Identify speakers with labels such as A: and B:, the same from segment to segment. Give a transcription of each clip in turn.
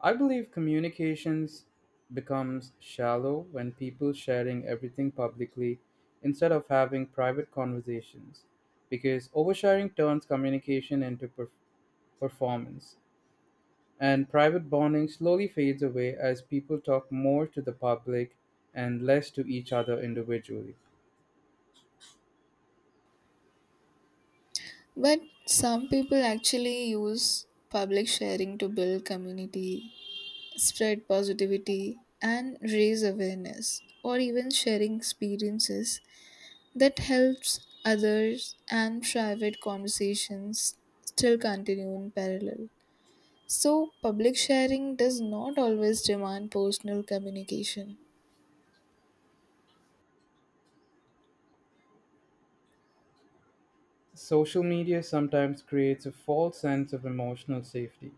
A: I believe communications becomes shallow when people sharing everything publicly instead of having private conversations because oversharing turns communication into performance and private bonding slowly fades away as people talk more to the public and less to each other individually.
B: But some people actually use public sharing to build community, spread positivity, and raise awareness, or even sharing experiences that helps others, and private conversations still continue in parallel. So, public sharing does not always demand personal communication.
A: Social media sometimes creates a false sense of emotional safety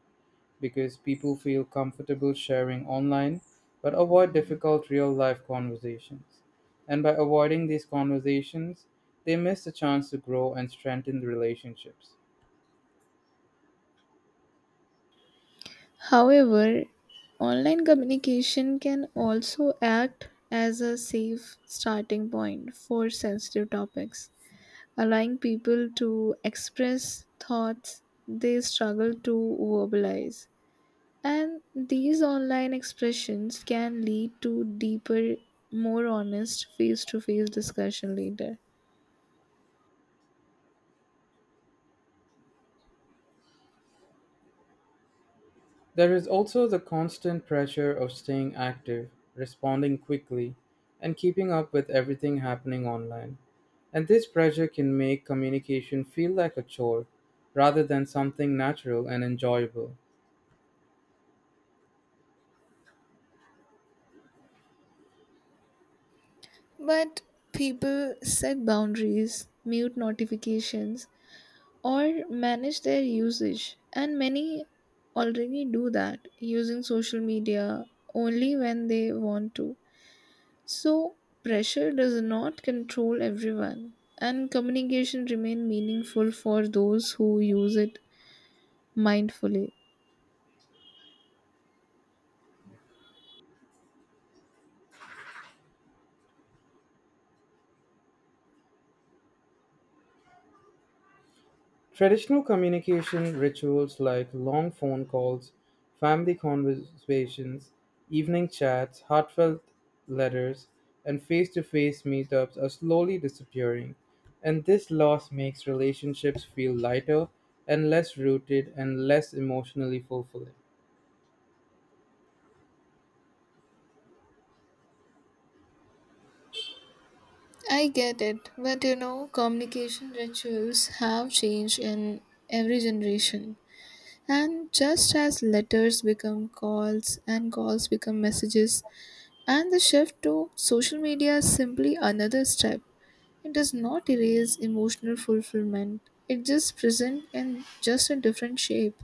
A: because people feel comfortable sharing online but avoid difficult real life conversations. And by avoiding these conversations, they miss the chance to grow and strengthen the relationships.
B: However, online communication can also act as a safe starting point for sensitive topics, allowing people to express thoughts they struggle to verbalize. And these online expressions can lead to deeper, more honest face to face discussion later.
A: There is also the constant pressure of staying active, responding quickly, and keeping up with everything happening online. And this pressure can make communication feel like a chore rather than something natural and enjoyable.
B: But people set boundaries, mute notifications, or manage their usage. And many already do that, using social media only when they want to. So, pressure does not control everyone, and communication remain meaningful for those who use it mindfully.
A: Traditional communication rituals like long phone calls, family conversations, evening chats, heartfelt letters, and face to face meetups are slowly disappearing, and this loss makes relationships feel lighter and less rooted and less emotionally fulfilling.
B: I get it, but communication rituals have changed in every generation. And just as letters become calls and calls become messages, and the shift to social media is simply another step. It does not erase emotional fulfillment. It just present in just a different shape.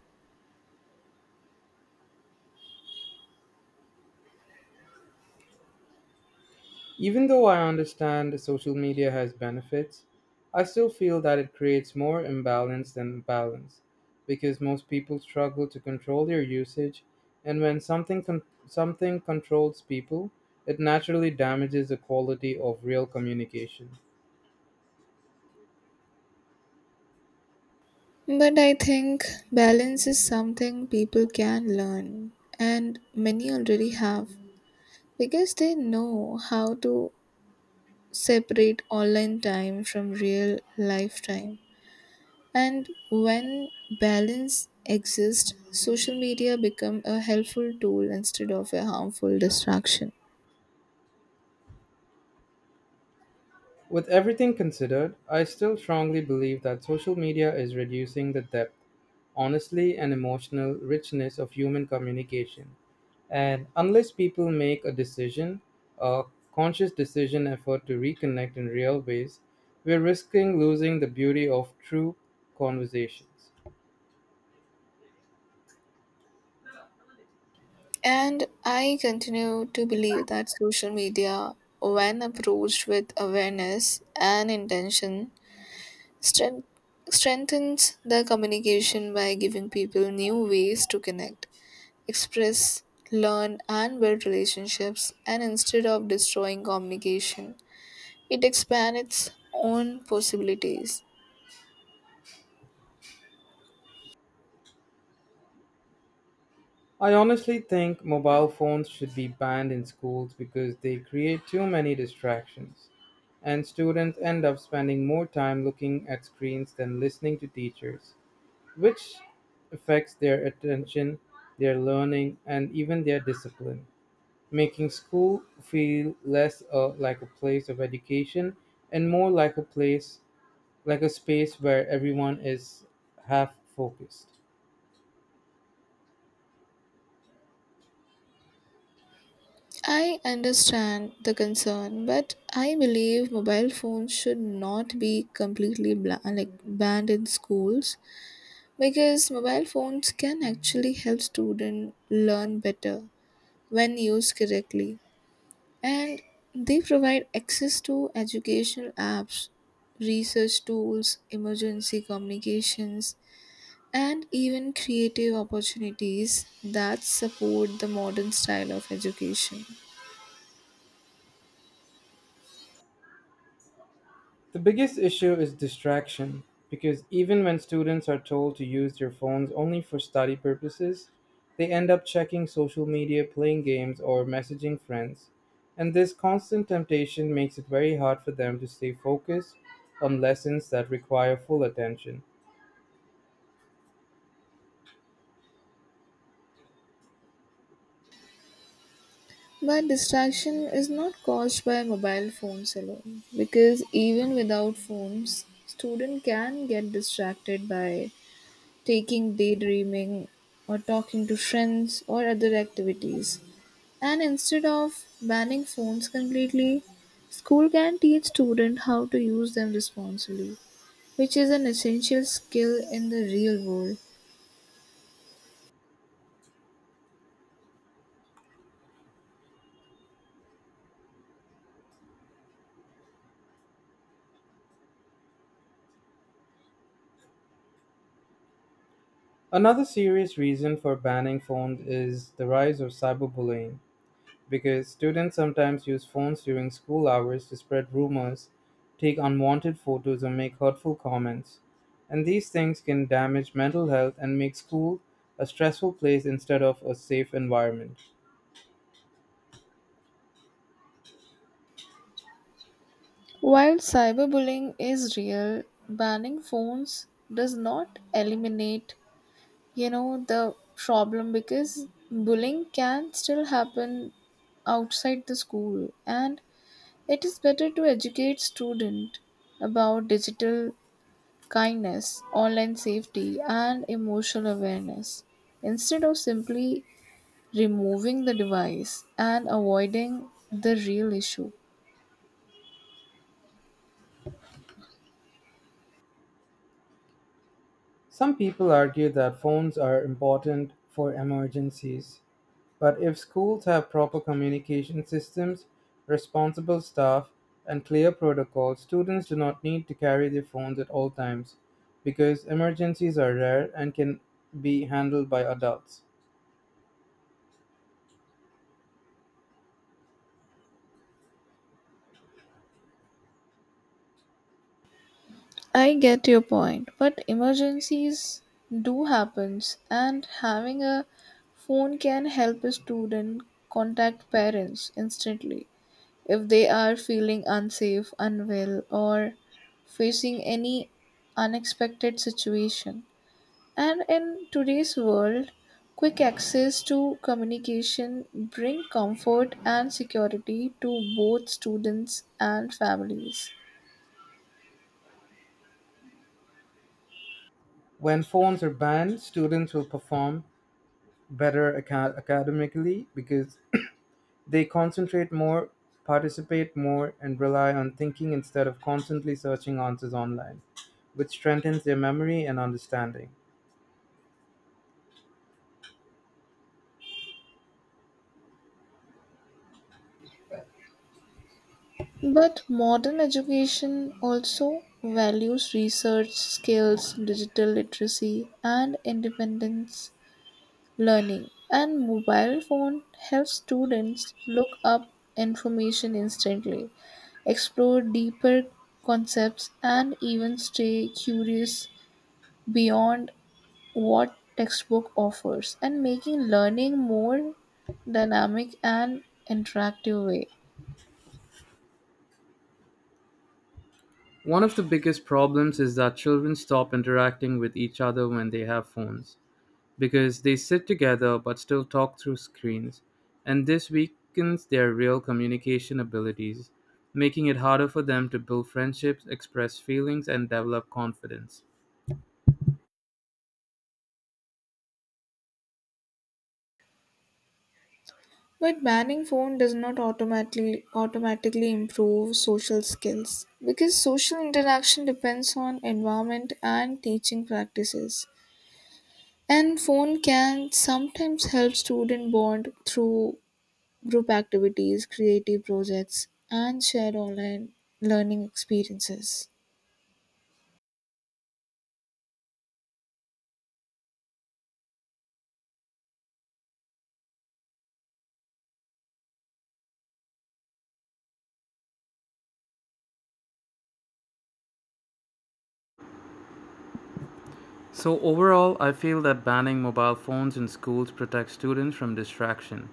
A: Even though I understand social media has benefits, I still feel that it creates more imbalance than balance because most people struggle to control their usage and when something controls people, it naturally damages the quality of real communication.
B: But I think balance is something people can learn, and many already have, because they know how to separate online time from real life time. And when balance exists, social media become a helpful tool instead of a harmful distraction.
A: With everything considered, I still strongly believe that social media is reducing the depth, honesty, and emotional richness of human communication. And unless people make a conscious decision effort to reconnect in real ways, we're risking losing the beauty of true conversations.
B: And I continue to believe that social media, when approached with awareness and intention, strength, strengthens the communication by giving people new ways to connect, express, learn, and build relationships. And instead of destroying communication, it expands its own possibilities.
A: I honestly think mobile phones should be banned in schools because they create too many distractions, and students end up spending more time looking at screens than listening to teachers, which affects their attention, their learning, and even their discipline, making school feel less like a place of education and more like like a space where everyone is half focused.
B: I understand the concern, but I believe mobile phones should not be completely banned in schools, because mobile phones can actually help students learn better when used correctly. And they provide access to educational apps, research tools, emergency communications, and even creative opportunities that support the modern style of education.
A: The biggest issue is distraction, because even when students are told to use their phones only for study purposes, they end up checking social media, playing games, or messaging friends. And this constant temptation makes it very hard for them to stay focused on lessons that require full attention.
B: But distraction is not caused by mobile phones alone, because even without phones, student can get distracted by taking daydreaming or talking to friends or other activities. And instead of banning phones completely, school can teach students how to use them responsibly, which is an essential skill in the real world.
A: Another serious reason for banning phones is the rise of cyberbullying because students sometimes use phones during school hours to spread rumors, take unwanted photos, or make hurtful comments. And these things can damage mental health and make school a stressful place instead of a safe environment.
B: While cyberbullying is real, banning phones does not eliminate, the problem, because bullying can still happen outside the school, and it is better to educate student about digital kindness, online safety, and emotional awareness, instead of simply removing the device and avoiding the real issue.
A: Some people argue that phones are important for emergencies, but if schools have proper communication systems, responsible staff, and clear protocols, students do not need to carry their phones at all times because emergencies are rare and can be handled by adults.
B: I get your point, but emergencies do happens, and having a phone can help a student contact parents instantly if they are feeling unsafe, unwell, or facing any unexpected situation. And in today's world, quick access to communication bring comfort and security to both students and families.
A: When phones are banned, students will perform academically because they concentrate more, participate more, and rely on thinking instead of constantly searching answers online, which strengthens their memory and understanding.
B: But modern education also values research skills, digital literacy, and independence learning. And mobile phone helps students look up information instantly, explore deeper concepts, and even stay curious beyond what textbook offers, and making learning more dynamic and interactive way.
A: One of the biggest problems is that children stop interacting with each other when they have phones because they sit together but still talk through screens, and this weakens their real communication abilities, making it harder for them to build friendships, express feelings, and develop confidence.
B: But banning phone does not automatically improve social skills, because social interaction depends on environment and teaching practices. And phone can sometimes help student bond through group activities, creative projects, and shared online learning experiences.
A: So, overall, I feel that banning mobile phones in schools protects students from distraction,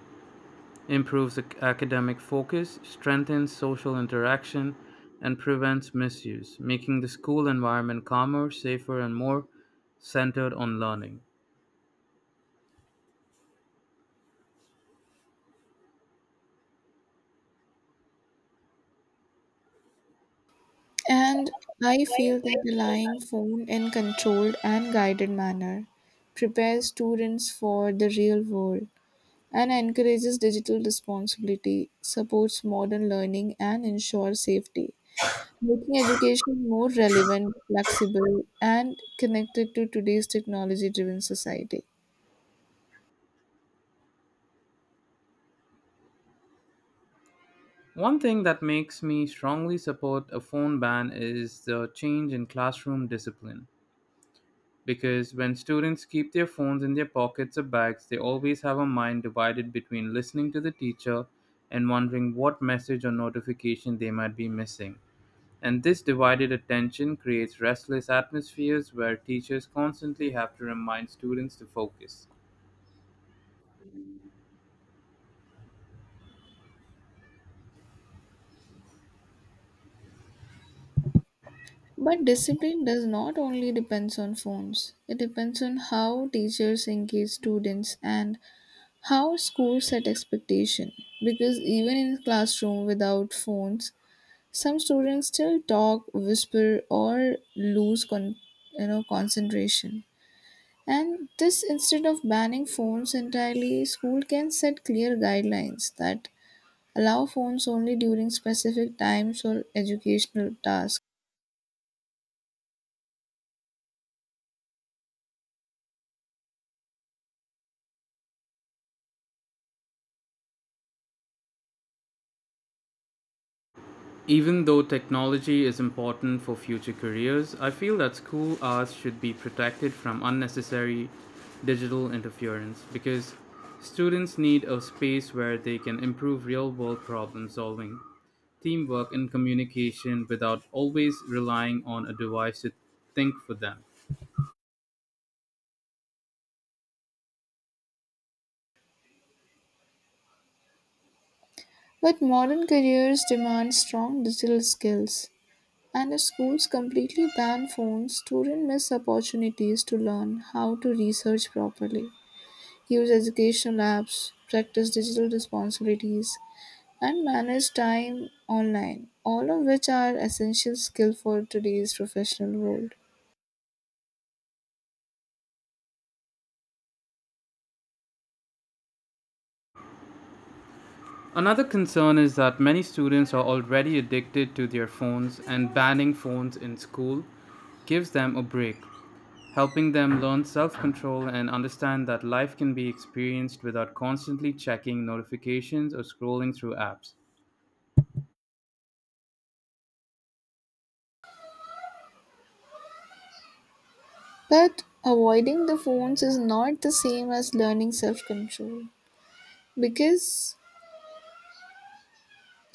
A: improves academic focus, strengthens social interaction, and prevents misuse, making the school environment calmer, safer, and more centered on learning.
B: And I feel that relying phone in controlled and guided manner prepares students for the real world and encourages digital responsibility, supports modern learning, and ensures safety, making education more relevant, flexible, and connected to today's technology driven society.
A: One thing that makes me strongly support a phone ban is the change in classroom discipline. Because when students keep their phones in their pockets or bags, they always have a mind divided between listening to the teacher and wondering what message or notification they might be missing. And this divided attention creates restless atmospheres where teachers constantly have to remind students to focus.
B: But discipline does not only depends on phones. It depends on how teachers engage students and how schools set expectation. Because even in classroom without phones, some students still talk, whisper, or lose concentration. And this, instead of banning phones entirely, school can set clear guidelines that allow phones only during specific times or educational tasks.
A: Even though technology is important for future careers, I feel that school hours should be protected from unnecessary digital interference because students need a space where they can improve real world problem solving, teamwork, and communication without always relying on a device to think for them.
B: But modern careers demand strong digital skills, and if schools completely ban phones, students miss opportunities to learn how to research properly, use educational apps, practice digital responsibilities, and manage time online, all of which are essential skills for today's professional world.
A: Another concern is that many students are already addicted to their phones, and banning phones in school gives them a break, helping them learn self control and understand that life can be experienced without constantly checking notifications or scrolling through apps.
B: But avoiding the phones is not the same as learning self control, because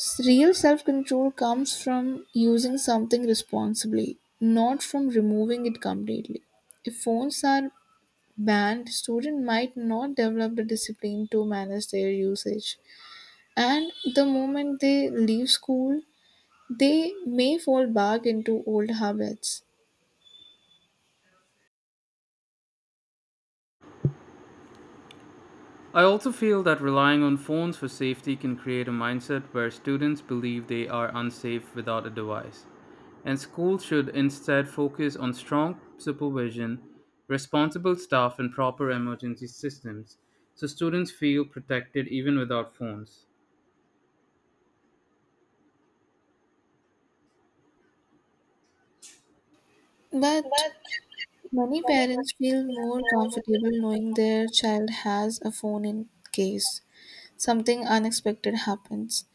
B: real self control comes from using something responsibly, not from removing it completely. If phones are banned, students might not develop the discipline to manage their usage. And the moment they leave school, they may fall back into old habits.
A: I also feel that relying on phones for safety can create a mindset where students believe they are unsafe without a device, and schools should instead focus on strong supervision, responsible staff, and proper emergency systems so students feel protected even without phones.
B: But
A: But
B: many parents feel more comfortable knowing their child has a phone in case something unexpected happens.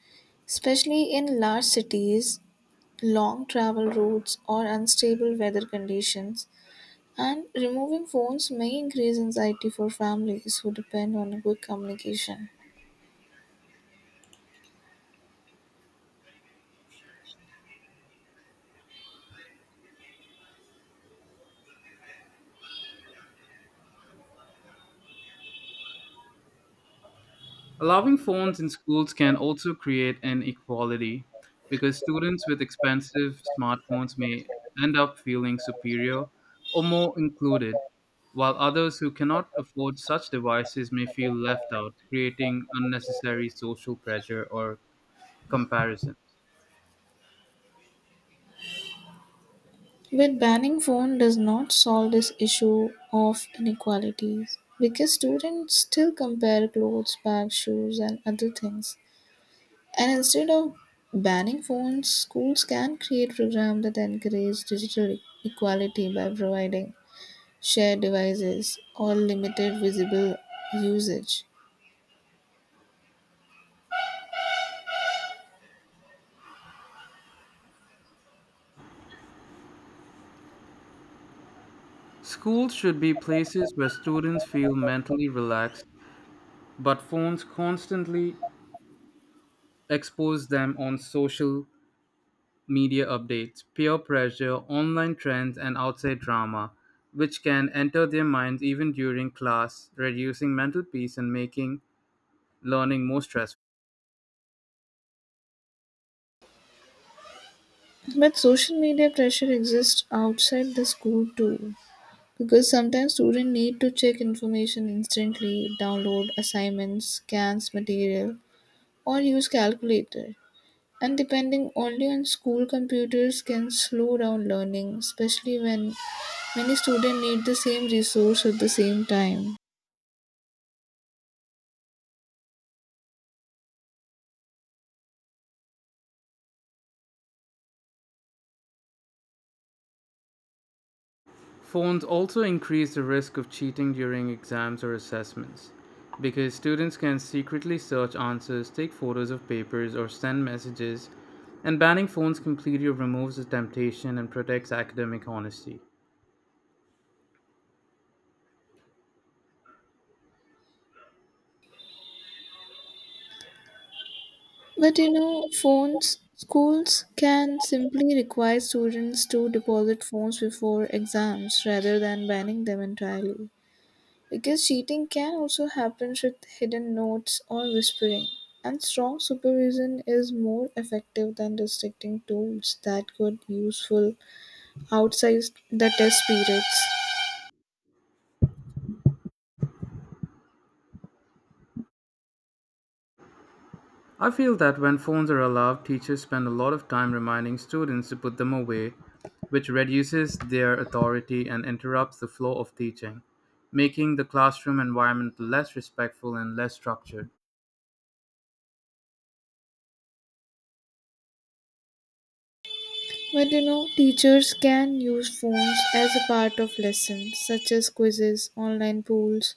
B: Especially in large cities, long travel routes, or unstable weather conditions, and removing phones may increase anxiety for families who depend on quick communication.
A: allowing phones in schools can also create inequality because students with expensive smartphones may end up feeling superior or more included, while others who cannot afford such devices may feel left out, creating unnecessary social pressure or comparison.
B: But banning phone does not solve this issue of inequalities, because students still compare clothes, bags, shoes, and other things. And instead of banning phones, schools can create programs that encourage digital equality by providing shared devices or limited visible usage.
A: Schools should be places where students feel mentally relaxed, but phones constantly expose them on social media updates, peer pressure, online trends, and outside drama, which can enter their minds even during class, reducing mental peace and making learning more stressful.
B: But social media pressure exists outside the school too, because sometimes students need to check information instantly, download assignments, scans material, or use calculator. And depending only on school computers can slow down learning, especially when many students need the same resource at the same time.
A: Phones also increase the risk of cheating during exams or assessments because students can secretly search answers, take photos of papers, or send messages, and banning phones completely removes the temptation and protects academic honesty.
B: But schools can simply require students to deposit phones before exams rather than banning them entirely. Because cheating can also happen with hidden notes or whispering, and strong supervision is more effective than restricting tools that could useful outside the test periods.
A: I feel that when phones are allowed, teachers spend a lot of time reminding students to put them away, which reduces their authority and interrupts the flow of teaching, making the classroom environment less respectful and less structured.
B: But teachers can use phones as a part of lessons, such as quizzes, online polls,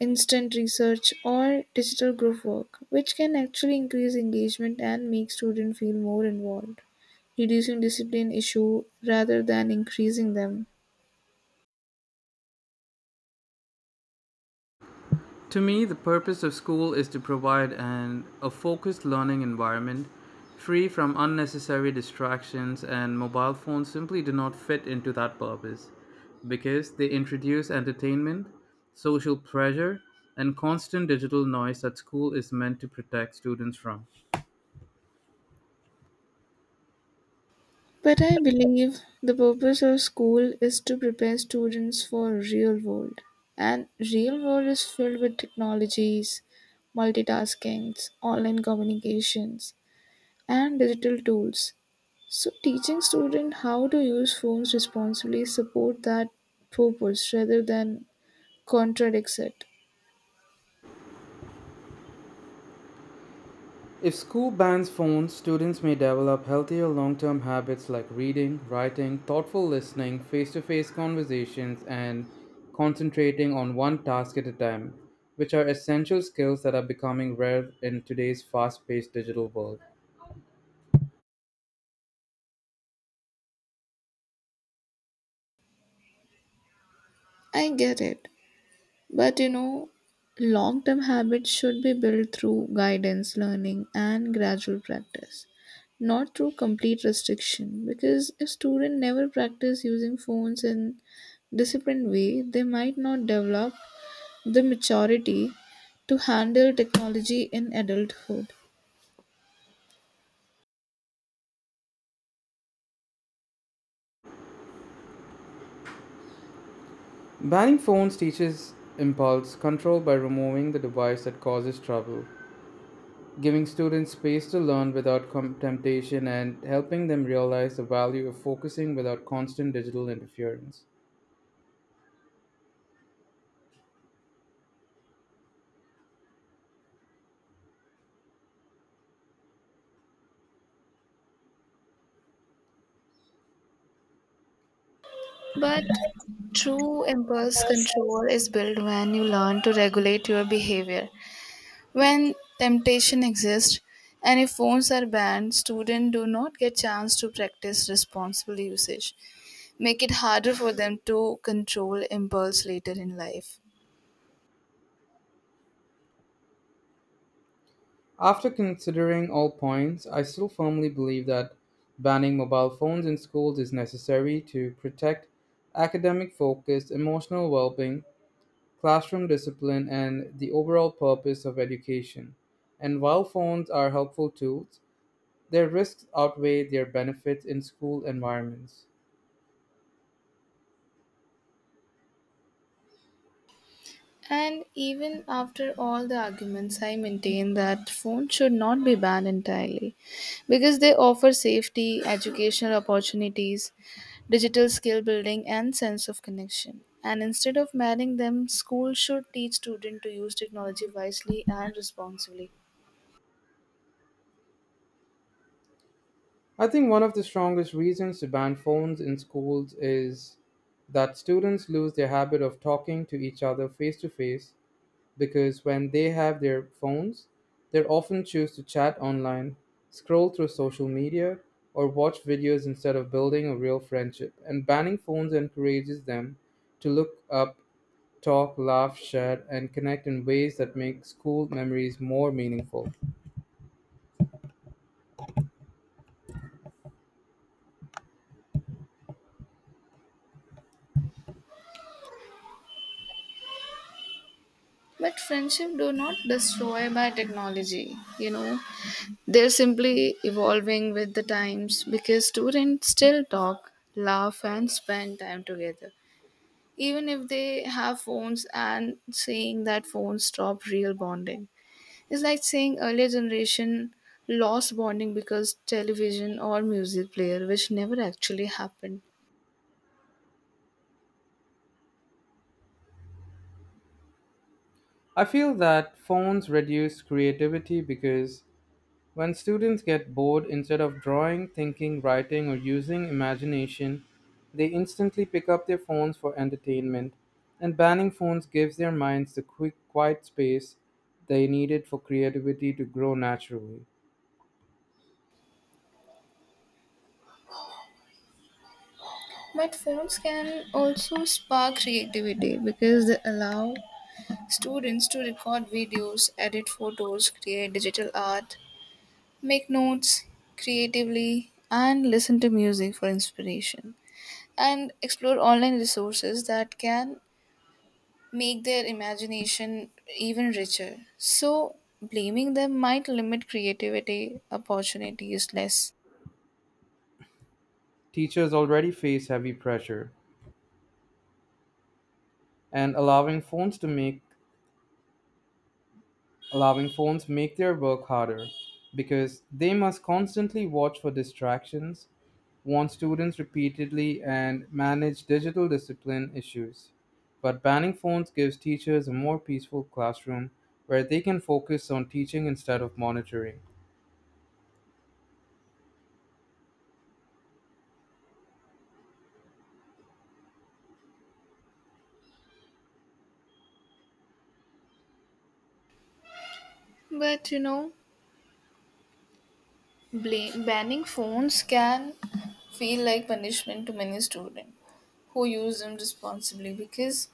B: instant research, or digital group work, which can actually increase engagement and make students feel more involved, reducing discipline issue rather than increasing them.
A: To me, the purpose of school is to provide a focused learning environment free from unnecessary distractions, and mobile phones simply do not fit into that purpose because they introduce entertainment, social pressure, and constant digital noise that school is meant to protect students from.
B: But I believe the purpose of school is to prepare students for real world, and real world is filled with technologies, multitaskings, online communications, and digital tools. So, teaching students how to use phones responsibly support that purpose rather than contradicts it.
A: If school bans phones, students may develop healthier long term habits like reading, writing, thoughtful listening, face to face conversations, and concentrating on one task at a time, which are essential skills that are becoming rare in today's fast paced digital world.
B: I get it, but long-term habits should be built through guidance, learning, and gradual practice, not through complete restriction. Because if students never practice using phones in disciplined way, they might not develop the maturity to handle technology in adulthood.
A: Banning phones teaches impulse control by removing the device that causes trouble, giving students space to learn without temptation, and helping them realize the value of focusing without constant digital interference.
B: But true impulse control is built when you learn to regulate your behavior. When temptation exists and if phones are banned, students do not get chance to practice responsible usage, make it harder for them to control impulse later in life.
A: After considering all points, I still firmly believe that banning mobile phones in schools is necessary to protect academic focus, emotional well being, classroom discipline, and the overall purpose of education. And while phones are helpful tools, their risks outweigh their benefits in school environments.
B: And even after all the arguments, I maintain that phones should not be banned entirely, because they offer safety, educational opportunities, digital skill building, and sense of connection. And instead of banning them, schools should teach students to use technology wisely and responsibly.
A: I think one of the strongest reasons to ban phones in schools is that students lose their habit of talking to each other face to face because when they have their phones, they often choose to chat online, scroll through social media, or watch videos instead of building a real friendship. And banning phones encourages them to look up, talk, laugh, share, and connect in ways that make school memories more meaningful.
B: But friendship do not destroy by technology. They're simply evolving with the times, because students still talk, laugh, and spend time together, even if they have phones, and saying that phones stop real bonding, it's like saying earlier generation lost bonding because television or music player, which never actually happened.
A: I feel that phones reduce creativity because when students get bored, instead of drawing, thinking, writing, or using imagination, they instantly pick up their phones for entertainment, and banning phones gives their minds the quick, quiet space they needed for creativity to grow naturally.
B: But phones can also spark creativity, because they allow students to record videos, edit photos, create digital art, make notes creatively, and listen to music for inspiration. And explore online resources that can make their imagination even richer. So, blaming them might limit creativity opportunities less.
A: Teachers already face heavy pressure, and allowing phones make their work harder because they must constantly watch for distractions, warn students repeatedly, and manage digital discipline issues. But banning phones gives teachers a more peaceful classroom where they can focus on teaching instead of monitoring.
B: But banning phones can feel like punishment to many students who use them responsibly, because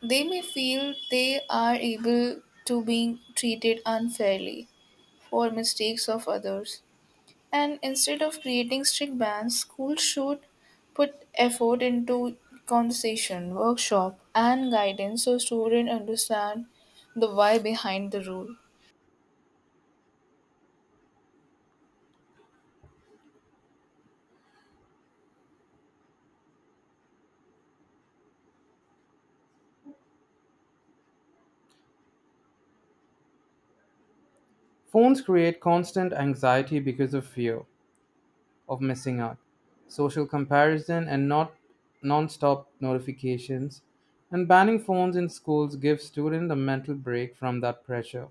B: they may feel they are able to being treated unfairly for mistakes of others. And instead of creating strict bans, schools should put effort into conversation, workshop, and guidance so students understand the why behind the rule.
A: Phones create constant anxiety because of fear, of missing out. Social comparison and not non-stop notifications and banning phones in schools gives students a mental break from that pressure,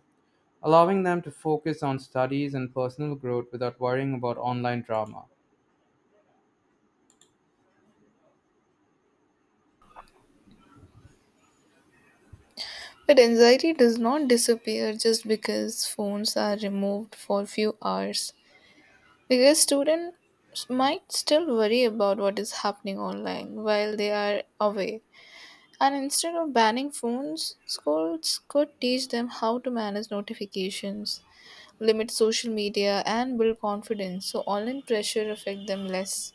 A: allowing them to focus on studies and personal growth without worrying about online drama.
B: But anxiety does not disappear just because phones are removed for a few hours. Because students might still worry about what is happening online while they are away. And instead of banning phones, schools could teach them how to manage notifications, limit social media, and build confidence so online pressure affect them less.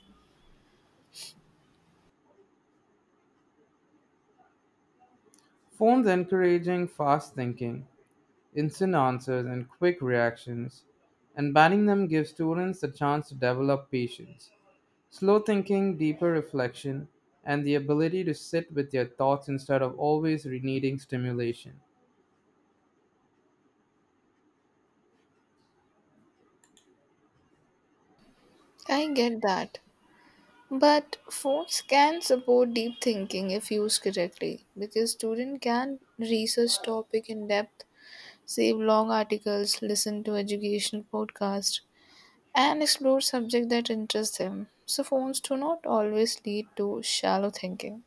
A: Phones encouraging fast thinking, instant answers, and quick reactions, and banning them gives students the chance to develop patience, slow thinking, deeper reflection, and the ability to sit with their thoughts instead of always needing stimulation.
B: I get that, but phones can support deep thinking if used correctly, because student can research topic in depth, save long articles, listen to educational podcasts, and explore subject that interest them, so phones do not always lead to shallow thinking.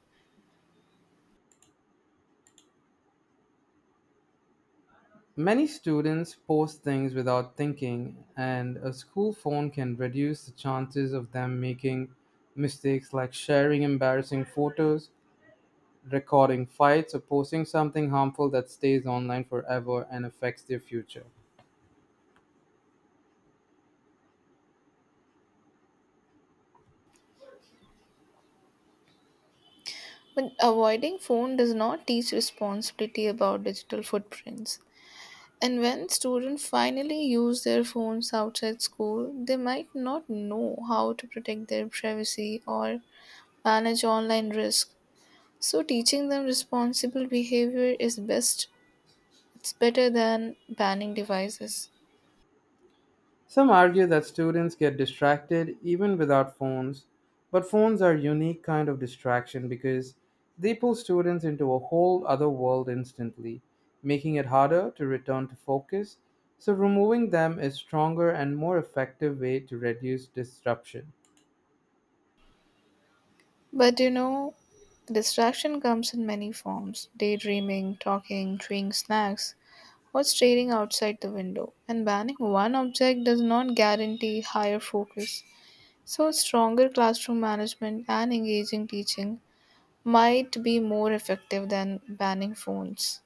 A: Many students post things without thinking, and a school phone can reduce the chances of them making mistakes like sharing embarrassing photos, recording fights, or posting something harmful that stays online forever and affects their future.
B: But avoiding phone does not teach responsibility about digital footprints. And when students finally use their phones outside school, they might not know how to protect their privacy or manage online risk. So teaching them responsible behavior is best. It's better than banning devices.
A: Some argue that students get distracted even without phones, but phones are a unique kind of distraction because they pull students into a whole other world instantly, making it harder to return to focus. So, removing them is stronger and more effective way to reduce disruption.
B: But distraction comes in many forms. Daydreaming, talking, chewing snacks, or staring outside the window. And banning one object does not guarantee higher focus. So, stronger classroom management and engaging teaching might be more effective than banning phones.